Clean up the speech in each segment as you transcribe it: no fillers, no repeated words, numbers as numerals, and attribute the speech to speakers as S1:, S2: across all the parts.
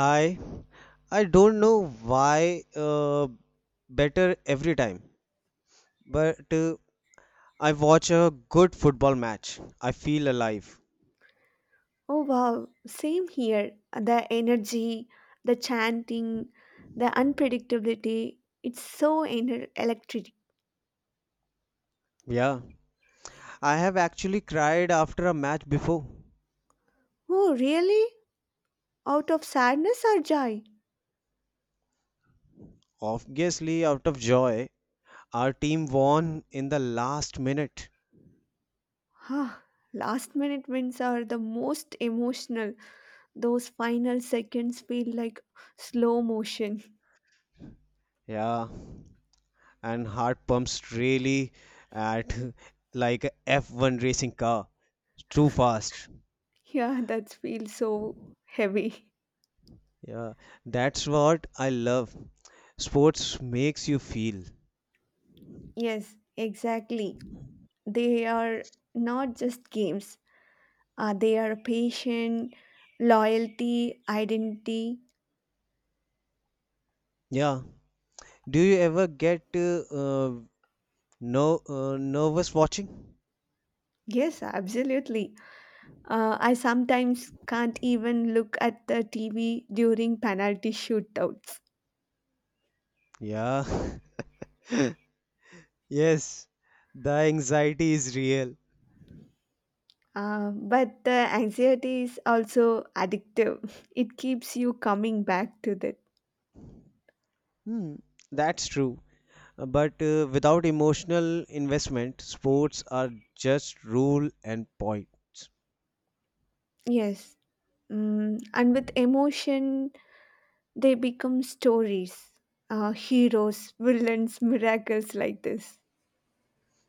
S1: Hi, I don't know why better every time, but I watch a good football match. I feel alive.
S2: Oh wow, same here. The energy, the chanting, the unpredictability, it's so electric.
S1: Yeah, I have actually cried after a match before.
S2: Oh, really? Out of sadness or joy?
S1: Obviously, out of joy, our team won in the last minute.
S2: Huh. Last minute wins are the most emotional. Those final seconds feel like slow motion.
S1: Yeah, and heart pumps really at like a F1 racing car. It's too fast.
S2: Yeah, that feels so heavy.
S1: Yeah, that's what I love. Sports makes you feel.
S2: Yes, exactly. They are not just games, they are patient, loyalty, identity.
S1: Yeah. Do you ever get no nervous watching?
S2: Yes, absolutely. I sometimes can't even look at the TV during penalty shootouts.
S1: Yeah. Yes, the anxiety is real.
S2: But the anxiety is also addictive. It keeps you coming back to that.
S1: Hmm, that's true. But without emotional investment, sports are just rule and points.
S2: Yes. And with emotion, they become stories, heroes, villains, miracles like this.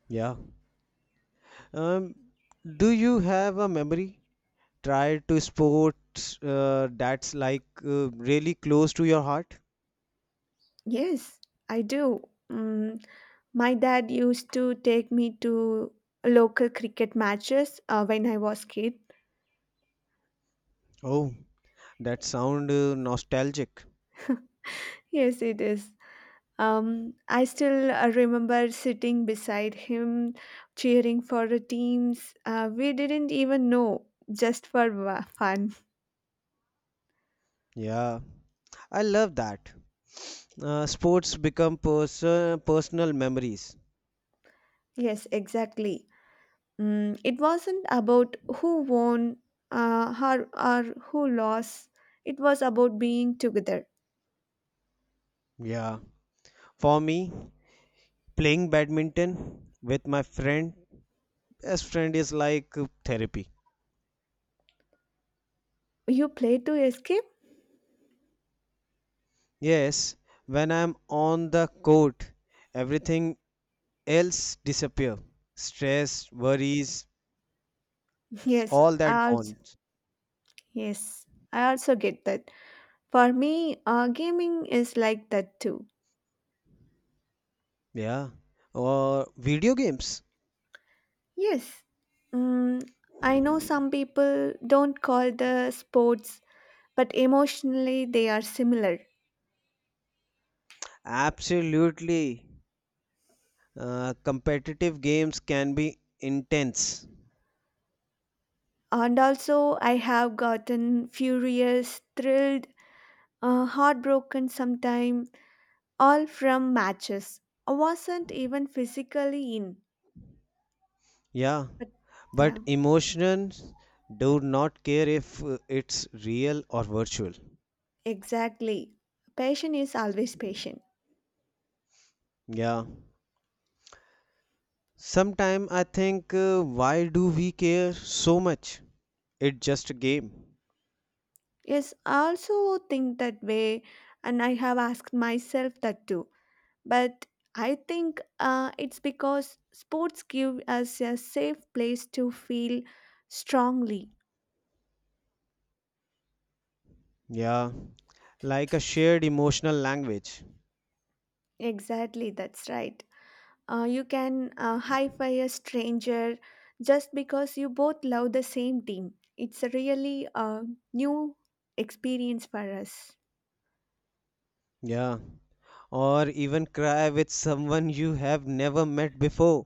S1: Yeah. Um, do you have a memory try to sports that's like really close to your heart?
S2: Yes, I do. Mm, My dad used to take me to local cricket matches when I was kid.
S1: Oh, that sound nostalgic.
S2: Yes, it is. I still remember sitting beside him, cheering for the teams. We didn't even know, just for fun.
S1: Yeah, I love that. Sports become personal memories.
S2: Yes, exactly. It wasn't about who won, or who lost. It was about being together.
S1: Yeah. For me, playing badminton with my friend, best friend is like therapy.
S2: You play to escape?
S1: Yes, when I'm on the court, everything else disappear. Stress, worries,
S2: Yes,
S1: all that
S2: I
S1: gone.
S2: also, yes, I also get that. For me, gaming is like that too.
S1: Yeah, or video games.
S2: Yes, mm, I know some people don't call the sports, but emotionally they are similar.
S1: Absolutely. Competitive games can be intense.
S2: And also, I have gotten furious, thrilled, heartbroken sometime, all from matches. I wasn't even physically in.
S1: Yeah,
S2: But yeah,
S1: but emotions do not care if it's real or virtual.
S2: exactly. Patient is always patient.
S1: Yeah. Sometime I think, why do we care so much? It's just a game.
S2: Yes, I also think that way, and I have asked myself that too, but I think it's because sports give us a safe place to feel strongly.
S1: Yeah, like a shared emotional language.
S2: Exactly, that's right. You can high five a stranger just because you both love the same team. It's a really new experience for us.
S1: Yeah, or even cry with someone you have never met before.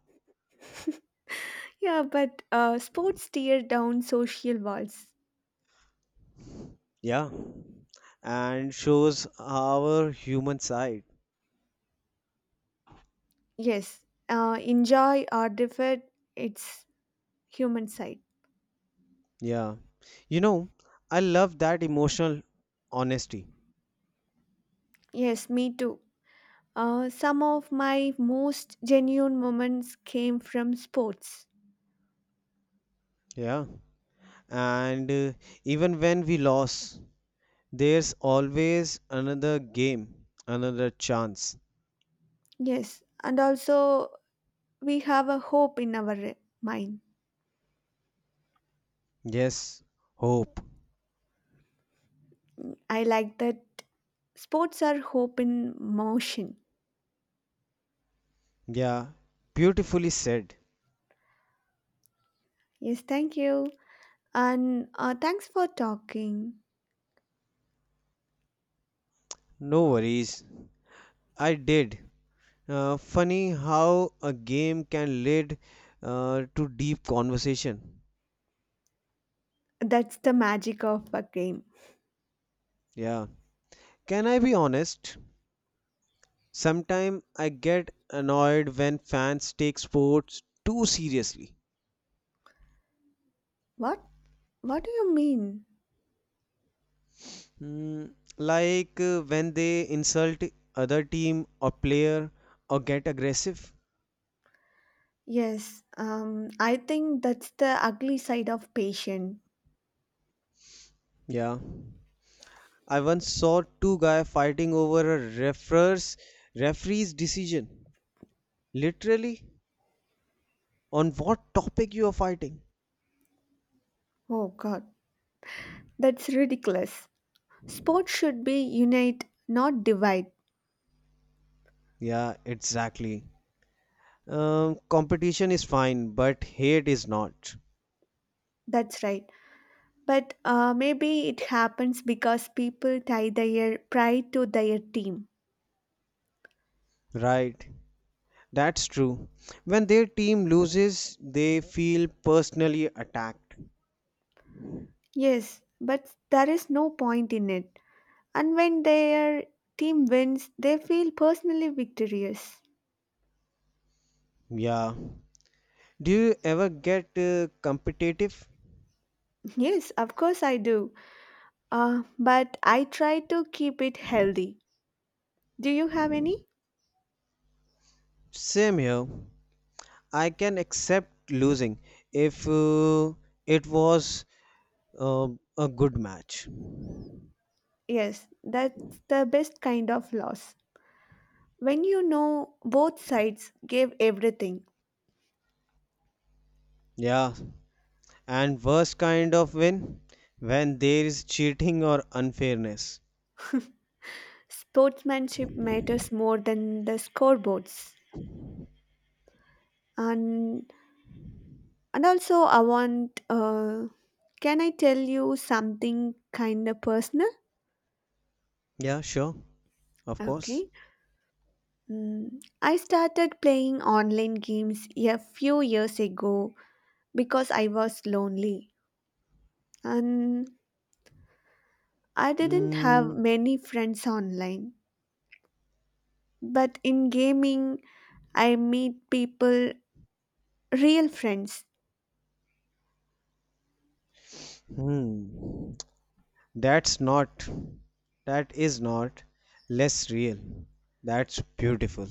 S2: Yeah, but sports tear down social walls.
S1: Yeah, and shows our human side.
S2: Yes, enjoy or defer, it's human side.
S1: Yeah. You know, I love that emotional honesty.
S2: Yes, me too. Some of my most genuine moments came from sports.
S1: Yeah. And even when we lose, there's always another game, another chance.
S2: Yes, and also we have a hope in our mind.
S1: Yes, hope.
S2: I like that sports are hope in motion.
S1: Yeah, beautifully said.
S2: Yes, thank you. And thanks for talking.
S1: No worries. I did. Funny how a game can lead to deep conversation.
S2: That's the magic of a game.
S1: Yeah. Can I be honest? Sometimes I get annoyed when fans take sports too seriously.
S2: What? What do you mean?
S1: Mm, like when they insult other team or player or get aggressive.
S2: Yes, I think that's the ugly side of patient.
S1: Yeah. I once saw two guys fighting over a referee's decision. Literally, on what topic you are fighting?
S2: Oh God, that's ridiculous. Sports should be unite, not divide.
S1: Yeah, exactly. Competition is fine, but hate is not.
S2: That's right. But maybe it happens because people tie their pride to their team.
S1: Right. That's true. When their team loses, they feel personally attacked.
S2: Yes, but there is no point in it. And when their team wins, they feel personally victorious.
S1: Yeah. Do you ever get competitive?
S2: Yes, of course I do. But I try to keep it healthy. Do you have any?
S1: Same here. I can accept losing if it was uh, a good match.
S2: Yes, that's the best kind of loss. When you know both sides gave everything,
S1: Yeah. And worst kind of win when there is cheating or unfairness.
S2: sportsmanship matters more than the scoreboards. And and also, I want can I tell you something kind of personal?
S1: Yeah, sure. Of course.
S2: Okay. I started playing online games a few years ago because I was lonely, and I didn't have
S1: Mm,
S2: many friends online. But in gaming I meet people, real friends.
S1: hmm. That's not, that is not less real. That's beautiful.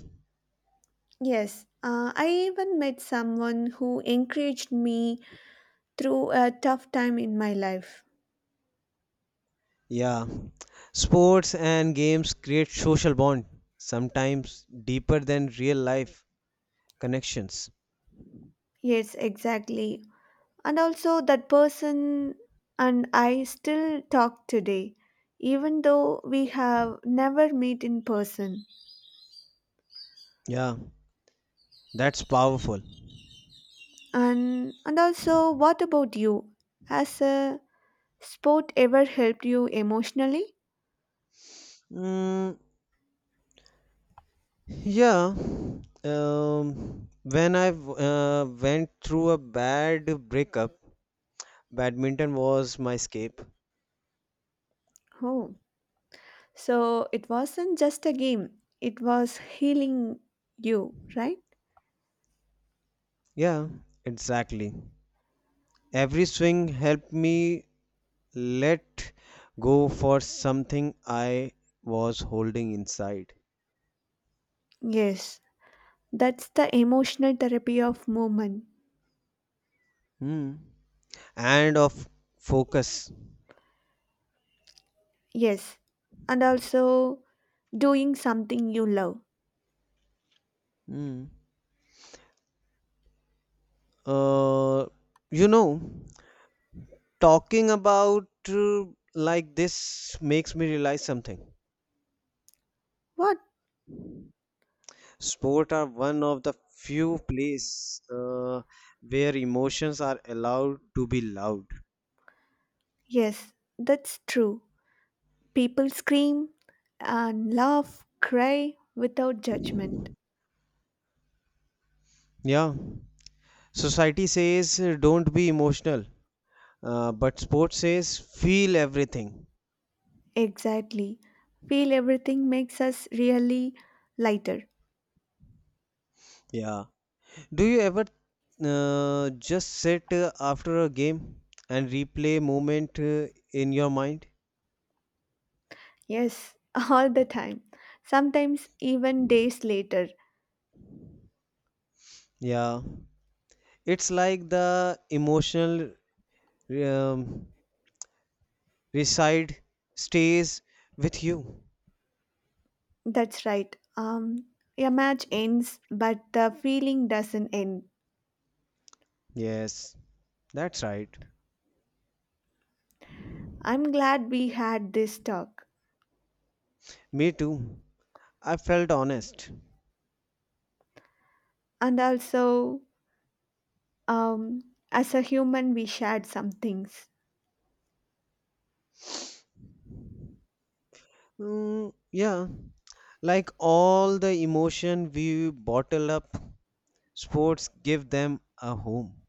S2: Yes, I even met someone who encouraged me through a tough time in my life.
S1: Yeah. Sports and games create social bond, sometimes deeper than real life connections.
S2: Yes, exactly. And also, that person and I still talk today, even though we have never met in person.
S1: Yeah, that's powerful.
S2: And also, what about you? Has a sport ever helped you emotionally?
S1: Mm, yeah. When I went through a bad breakup, badminton was my escape.
S2: Oh, so it wasn't just a game, it was healing you, right?
S1: Yeah, exactly. Every swing helped me let go for something I was holding inside.
S2: Yes, that's the emotional therapy of movement.
S1: Mm, and of focus.
S2: Yes, and also doing something you love.
S1: Mm. Uh, you know, talking about like this makes me realize something.
S2: What?
S1: Sport are one of the few places where emotions are allowed to be loud.
S2: Yes, that's true. People scream and laugh, cry without judgment.
S1: Yeah, society says don't be emotional, but sport says feel everything.
S2: Exactly. Feel everything makes us really lighter.
S1: Yeah. Do you ever just sit after a game and replay moment in your mind?
S2: Yes, all the time. Sometimes even days later.
S1: Yeah, it's like the emotional um, reside stays with you.
S2: That's right. A match ends, but the feeling doesn't end.
S1: Yes, that's right.
S2: I'm glad we had this talk.
S1: Me too. I felt honest.
S2: And also, um, as a human, we shared some things.
S1: Mm, yeah, like all the emotion we bottle up, sports give them a home.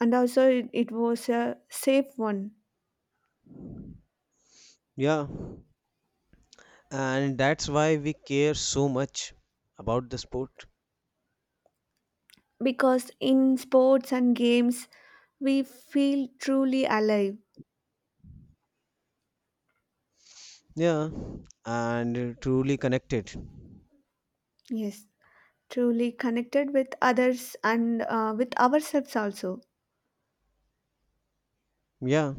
S2: And also it was a safe one.
S1: Yeah. And that's why we care so much about the sport.
S2: Because in sports and games we feel truly alive,
S1: Yeah, and truly connected.
S2: yes, truly connected with others, and with ourselves also.
S1: Yeah,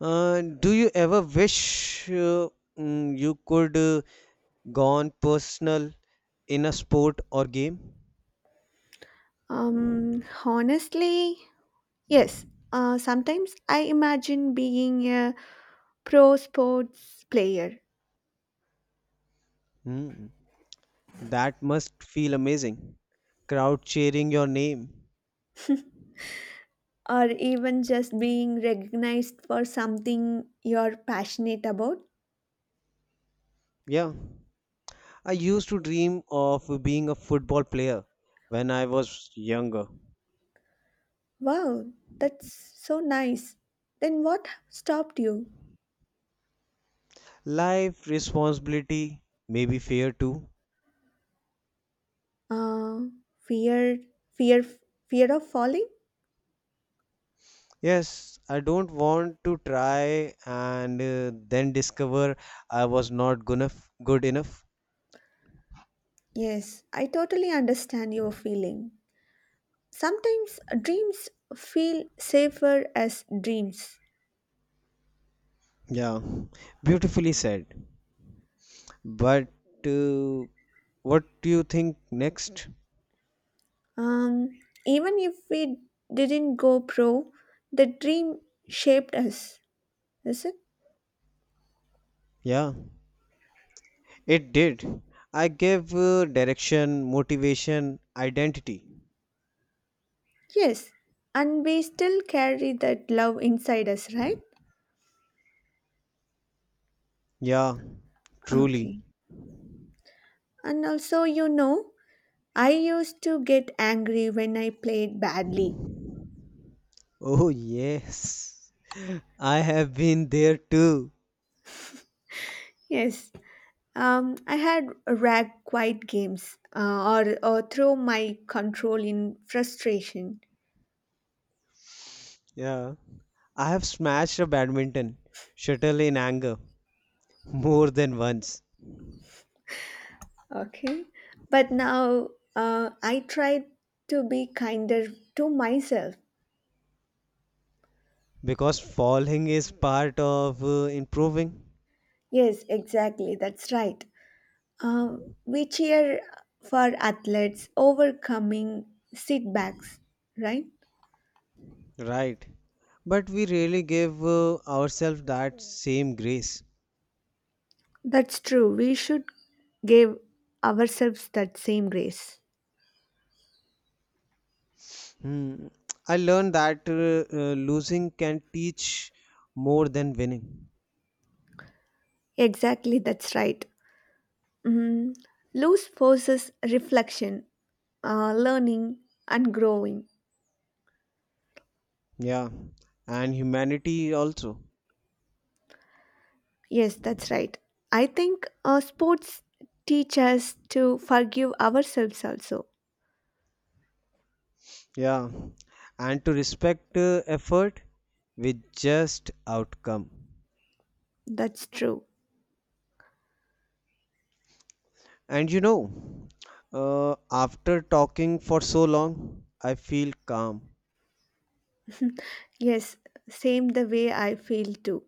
S1: do you ever wish you could gone personal in a sport or game?
S2: Honestly, yes, sometimes I imagine being a pro sports player,
S1: Hmm. That must feel amazing, crowd cheering your name.
S2: or even just being recognized for something you're passionate about.
S1: Yeah, I used to dream of being a football player when I was younger.
S2: Wow, that's so nice. Then what stopped you?
S1: Life responsibility, may be fair too.
S2: Uh, fear, fear, Fear of falling?
S1: Yes, I don't want to try and then discover I was not good enough.
S2: Yes, I totally understand your feeling. Sometimes dreams feel safer as dreams.
S1: Yeah, beautifully said. But uh, what do you think next?
S2: Um, even if we didn't go pro, the dream shaped us, is it?
S1: Yeah, it did. I gave direction, motivation, identity.
S2: Yes, and we still carry that love inside us, right?
S1: Yeah, truly.
S2: Okay. And also, I used to get angry when I played badly.
S1: Oh, yes. I have been there too.
S2: Yes, I had rag quiet games, or throw my control in frustration.
S1: Yeah. I have smashed a badminton shuttle in anger. More than once,
S2: Okay, but now, I try to be kinder to myself.
S1: because falling is part of improving,
S2: Yes, exactly, that's right. We cheer for athletes overcoming setbacks, right?
S1: right? But we really give ourselves that same grace.
S2: That's true. We should give ourselves that same grace.
S1: Hmm. I learned that losing can teach more than winning.
S2: Exactly, that's right. Mm. Loose forces reflection, learning, and growing.
S1: Yeah, and humanity also.
S2: Yes, that's right. I think sports teach us to forgive ourselves also.
S1: Yeah, and to respect effort with just outcome.
S2: That's true.
S1: And you know, after talking for so long, I feel calm.
S2: Yes, same the way I feel too.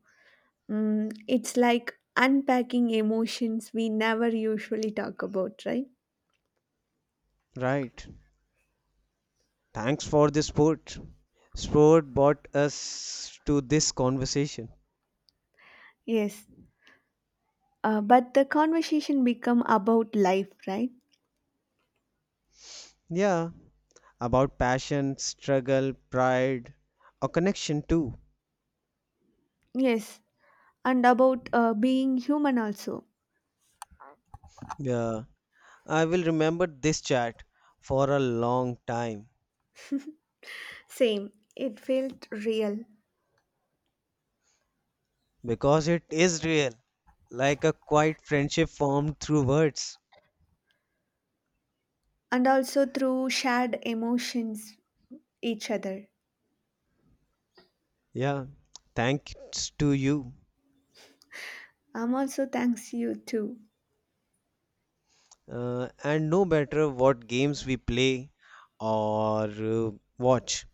S2: It's like unpacking emotions we never usually talk about, right?
S1: Right. Thanks for the sport. Sport brought us to this conversation.
S2: Yes. But the conversation become about life, right?
S1: Yeah, about passion, struggle, pride, or connection too.
S2: Yes. And about being human also.
S1: Yeah, I will remember this chat for a long time
S2: Same, it felt real
S1: because it is real, like a quiet friendship formed through words.
S2: and also through shared emotions each other.
S1: Yeah, thanks to you.
S2: I'm also thanks you too.
S1: And no matter what games we play or watch.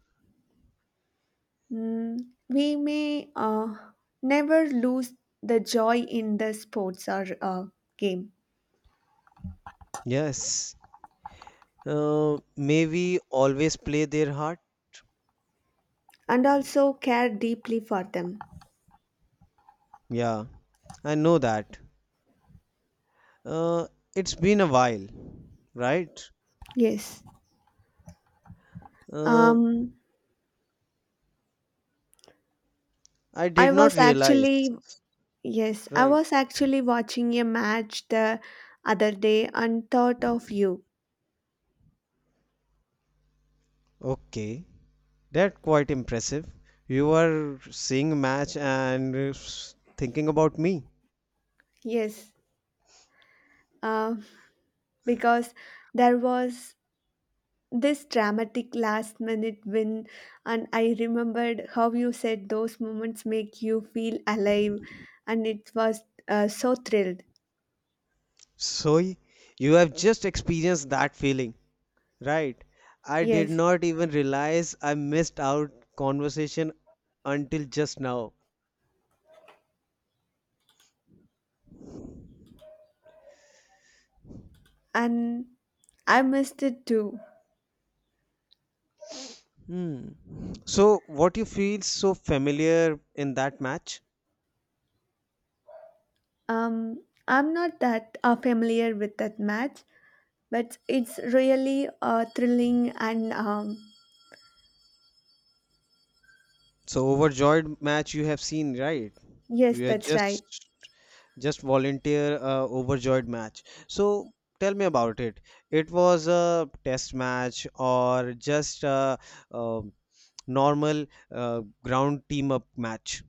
S2: Mm, we may never lose the joy in the sports or game,
S1: Yes. May we always play their heart?
S2: and also care deeply for them.
S1: Yeah, I know that. Uh, it's been a while, right?
S2: Yes.
S1: Uh,
S2: Um,
S1: I did
S2: I
S1: not
S2: was
S1: realize.
S2: actually Yes, I
S1: Right.
S2: was actually watching a match the other day and thought of you.
S1: Okay, that's quite impressive. You are seeing a match and thinking about me.
S2: Yes, uh, because there was this dramatic last minute win, and I remembered how you said those moments make you feel alive, and it was so thrilled.
S1: So y- you have just experienced that feeling, right? I did
S2: Yes,
S1: not even realize I missed out conversation until just now.
S2: and I missed it too.
S1: Hmm. So, what you feel so familiar in that match?
S2: Um i'm not that familiar with that match, but it's really thrilling, and
S1: So, overjoyed match you have seen, right?
S2: yes,
S1: You are
S2: that's right.
S1: just volunteer overjoyed match. So, tell me about it. It was a test match or just a, uh normal ground team up match?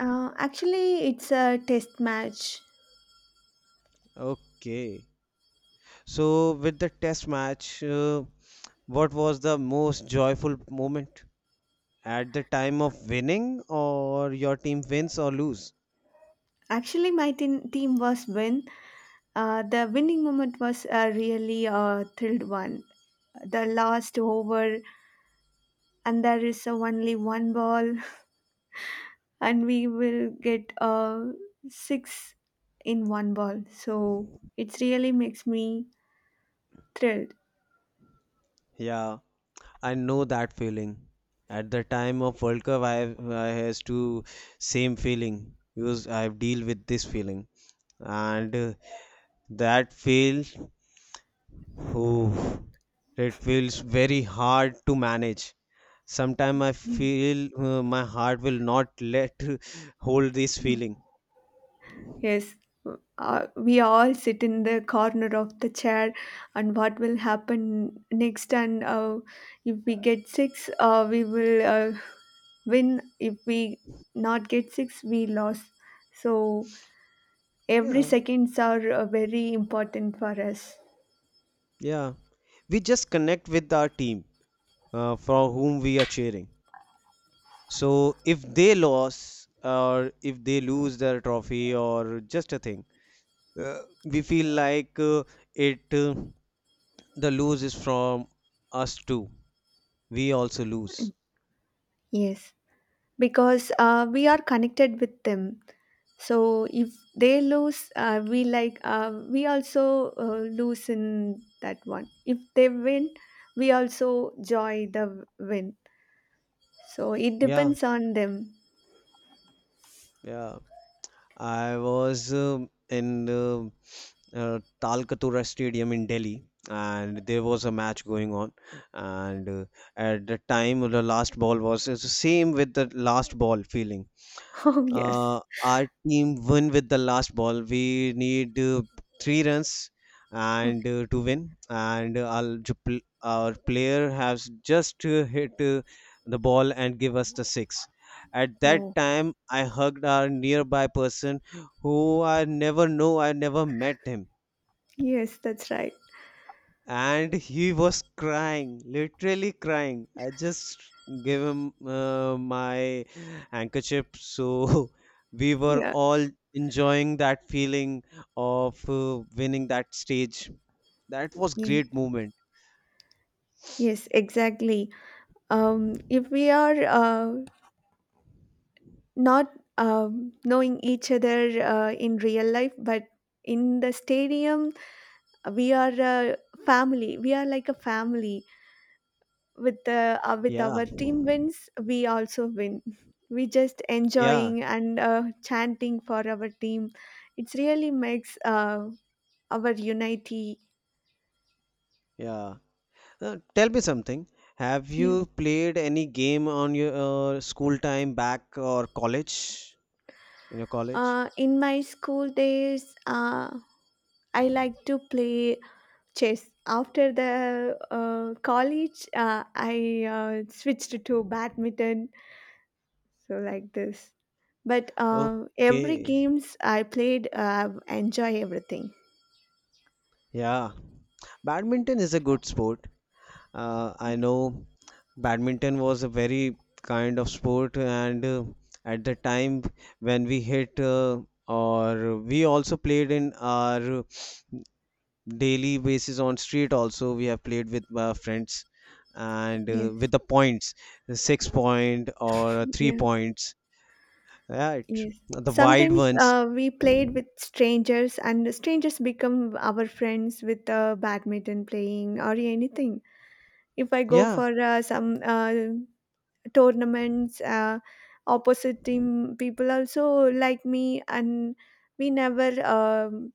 S2: Actually, it's a test match.
S1: Okay. So, with the test match, what was the most joyful moment? At the time of winning or your team wins or lose.
S2: Actually, my team was win. The winning moment was a really thrilled one. The last over, and there is only one ball, and we will get six in one ball. So it really makes me thrilled.
S1: Yeah, I know that feeling. At the time of World Cup, I has to same feeling because I deal with this feeling and that feels whew, it feels very hard to manage. Sometimes I
S2: Yes.
S1: feel my heart will not let hold this
S2: Yes.
S1: feeling.
S2: Yes. We all sit in the corner of the chair, and what will happen next? And if we get six, we will. Win if we not get six, we lost. So every
S1: Yeah,
S2: seconds are very important for us.
S1: yeah, we just connect with our team, for whom we are cheering. So if they lose or if they lose their trophy or just a thing, we feel like it the lose is from us too. We also lose.
S2: Yes, because we are connected with them. So if they lose, we like, we also lose in that one. If they win, we also joy the win. So it
S1: Yeah,
S2: depends on them.
S1: yeah. I was in Talkatura Stadium in Delhi, and there was a match going on. And at the time, the last ball was it's the same with the last ball feeling.
S2: Oh yes.
S1: Our team win with the last ball. We need three runs
S2: Okay.
S1: and to win. And our player has just hit the ball and give us the six. At that
S2: Oh
S1: time, I hugged our nearby person who I never know. I never met him,
S2: yes, that's right.
S1: and he was crying, literally crying. I just gave him my handkerchief, so we were
S2: Yeah.
S1: all enjoying that feeling of winning that stage. That was
S2: Ye-
S1: great moment.
S2: yes, exactly. If we are not knowing each other in real life, but in the stadium we are a family. We are like a family with
S1: Yeah,
S2: our team wins, we also win. We just
S1: yeah,
S2: enjoying, and chanting for our team. It's really makes our unity.
S1: yeah. Tell me something, have
S2: Yeah.
S1: you played any game on your school time back or college, in your college?
S2: In my school days, I like to play chess. After the, college, I switched to badminton. So like this. But every
S1: Okay,
S2: games I played, enjoy everything.
S1: yeah. Badminton is a good sport. I know badminton was a very kind of sport, and at the time when we hit, or we also played in our daily basis on street, also we have played with our friends and
S2: Yes.
S1: with the points, the six point or three
S2: Yeah.
S1: points, right?
S2: Yes.
S1: The wide
S2: Sometimes
S1: ones.
S2: we played with strangers, and the strangers become our friends with badminton playing or anything. If I go
S1: Yeah,
S2: for some tournaments, opposite team people also like me, and we never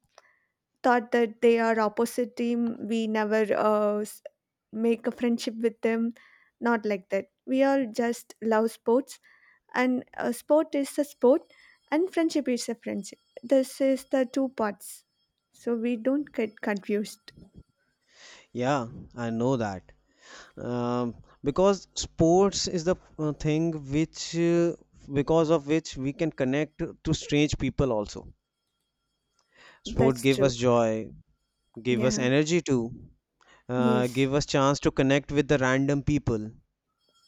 S2: thought that they are opposite team. We never make a friendship with them. Not like that. We all just love sports, and a sport is a sport, and friendship is a friendship. This is the two parts, so we don't get confused.
S1: yeah, I know that. um, because sports is the thing which because of which we can connect to strange people also. Sport
S2: That's
S1: gave us
S2: true.
S1: joy, gave us
S2: Yeah,
S1: energy too,
S2: yes,
S1: gave us chance to connect with the random people,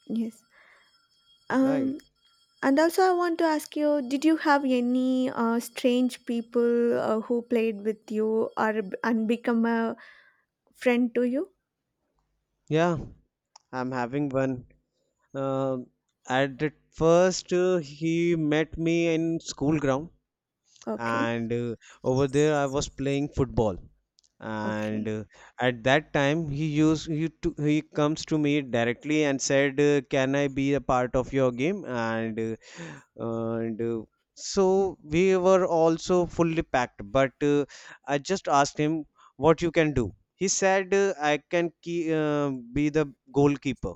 S2: yes, um
S1: right?
S2: and also, I want to ask you, did you have any strange people who played with you or and become a friend to you?
S1: Yeah, I'm having one. Uh, at the first uh, he met me in school ground,
S2: Okay,
S1: and over there I was playing football. And
S2: okay,
S1: at that time he comes to me directly and said, can I be a part of your game? And so we were also fully packed, but I just asked him what you can do. He said, I can be the goalkeeper.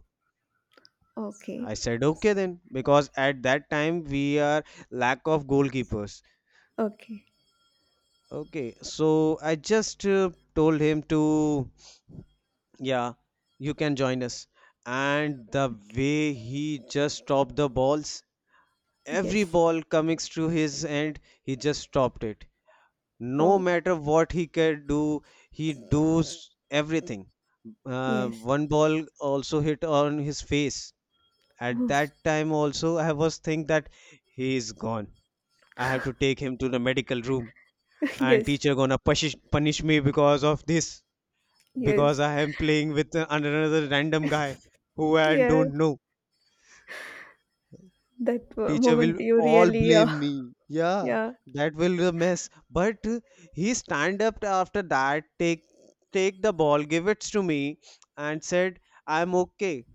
S2: okay,
S1: I said okay then, because at that time we are lack of goalkeepers.
S2: okay,
S1: Okay, so I just told him to, yeah, you can join us. And the
S2: okay.
S1: way he just stopped the balls, every
S2: Yes,
S1: ball coming through his end, he just stopped it. No
S2: oh,
S1: matter what he can do, he does everything.
S2: yes,
S1: One ball also hit on his face. At
S2: oops.
S1: that time also, I was think that he is gone. I have to take him to the medical room, and
S2: Yes,
S1: teacher gonna punish me because of this,
S2: yes,
S1: because I am playing with another random guy who I
S2: yeah.
S1: don't know.
S2: that
S1: Teacher will
S2: moment you
S1: all
S2: really,
S1: blame me. Yeah,
S2: yeah,
S1: that will be a mess. But he stand up after that, take the ball, give it to me, and said, "I'm okay."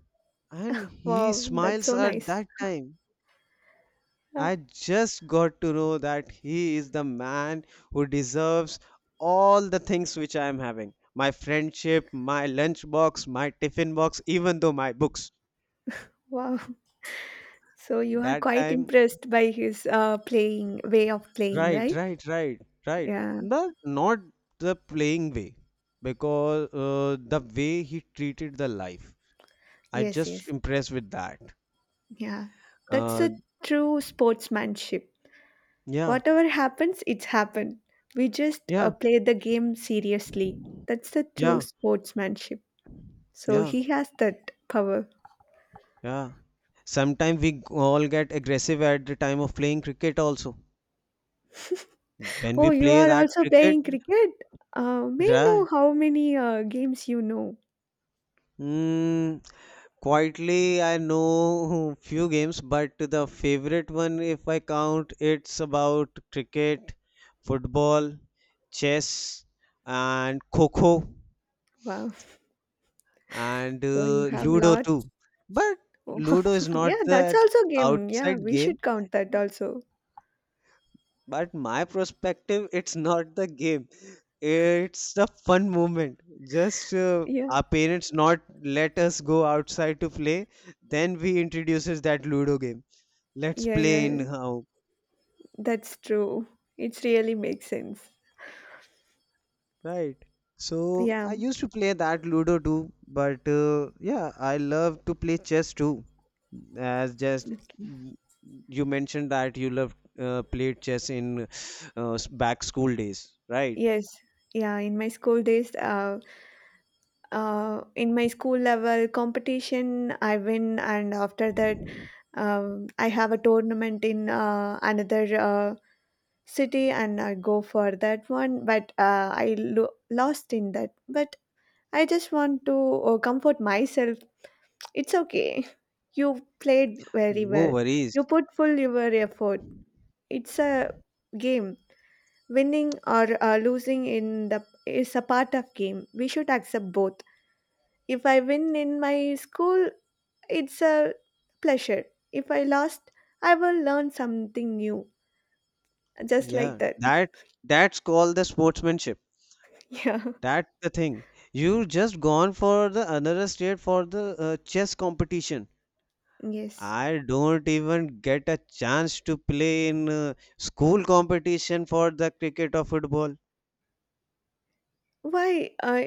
S1: And he
S2: wow, that's
S1: smiles
S2: so
S1: at
S2: nice.
S1: that time.
S2: Uh,
S1: I just got to know that he is the man who deserves all the things which I am having. My friendship, my lunchbox, my tiffin box, even though my books.
S2: wow, so you are
S1: That
S2: quite
S1: time,
S2: impressed by his playing way of playing,
S1: right,
S2: right?
S1: right, right, right.
S2: Yeah,
S1: But not the playing way, because the way he treated the life. I
S2: yes,
S1: just
S2: yes.
S1: impressed with that.
S2: Yeah, that's
S1: Uh,
S2: a true sportsmanship.
S1: yeah,
S2: Whatever happens, it's happened. We just
S1: yeah,
S2: play the game seriously. That's the true
S1: yeah,
S2: sportsmanship. So
S1: yeah.
S2: he has that power.
S1: Yeah. Sometimes we all get aggressive at the time of playing cricket also. When we
S2: Oh, you
S1: play
S2: are
S1: that
S2: also
S1: cricket,
S2: playing cricket? May I
S1: right?
S2: know how many games you know.
S1: Mm, quietly, I know few games, but the favorite one, if I count, it's about cricket, football, chess, and kho,
S2: Wow.
S1: and
S2: So you have
S1: Ludo
S2: lot.
S1: too. But Ludo is not
S2: Yeah, that's
S1: the
S2: also game. Yeah,
S1: outside
S2: we
S1: game.
S2: should count that also.
S1: But my perspective it's not the game, it's the fun moment. Just
S2: Yeah,
S1: our parents not let us go outside to play, then we introduces that Ludo game. Let's
S2: yeah,
S1: play in
S2: yeah.
S1: how,
S2: That's true. It really makes sense.
S1: right? So
S2: Yeah.
S1: I used to play that Ludo too. But yeah, I love to play chess too, as just
S2: Okay.
S1: you mentioned that you love played chess in back school days, right?
S2: Yes, yeah. In my school days, in my school level competition, I win. And after that, I have a tournament in another city, and I go for that one. But I lost in that. But I just want to comfort myself. It's okay. You played very
S1: No
S2: well.
S1: worries.
S2: You put full your effort. It's a game. Winning or losing in the is a part of game. We should accept both. If I win in my school, it's a pleasure. If I lost, I will learn something new. Just like
S1: Yeah,
S2: that.
S1: that that's called the sportsmanship.
S2: Yeah.
S1: That's the thing. You just gone for the another state for the chess competition.
S2: Yes.
S1: I don't even get a chance to play in school competition for the cricket or football.
S2: Why?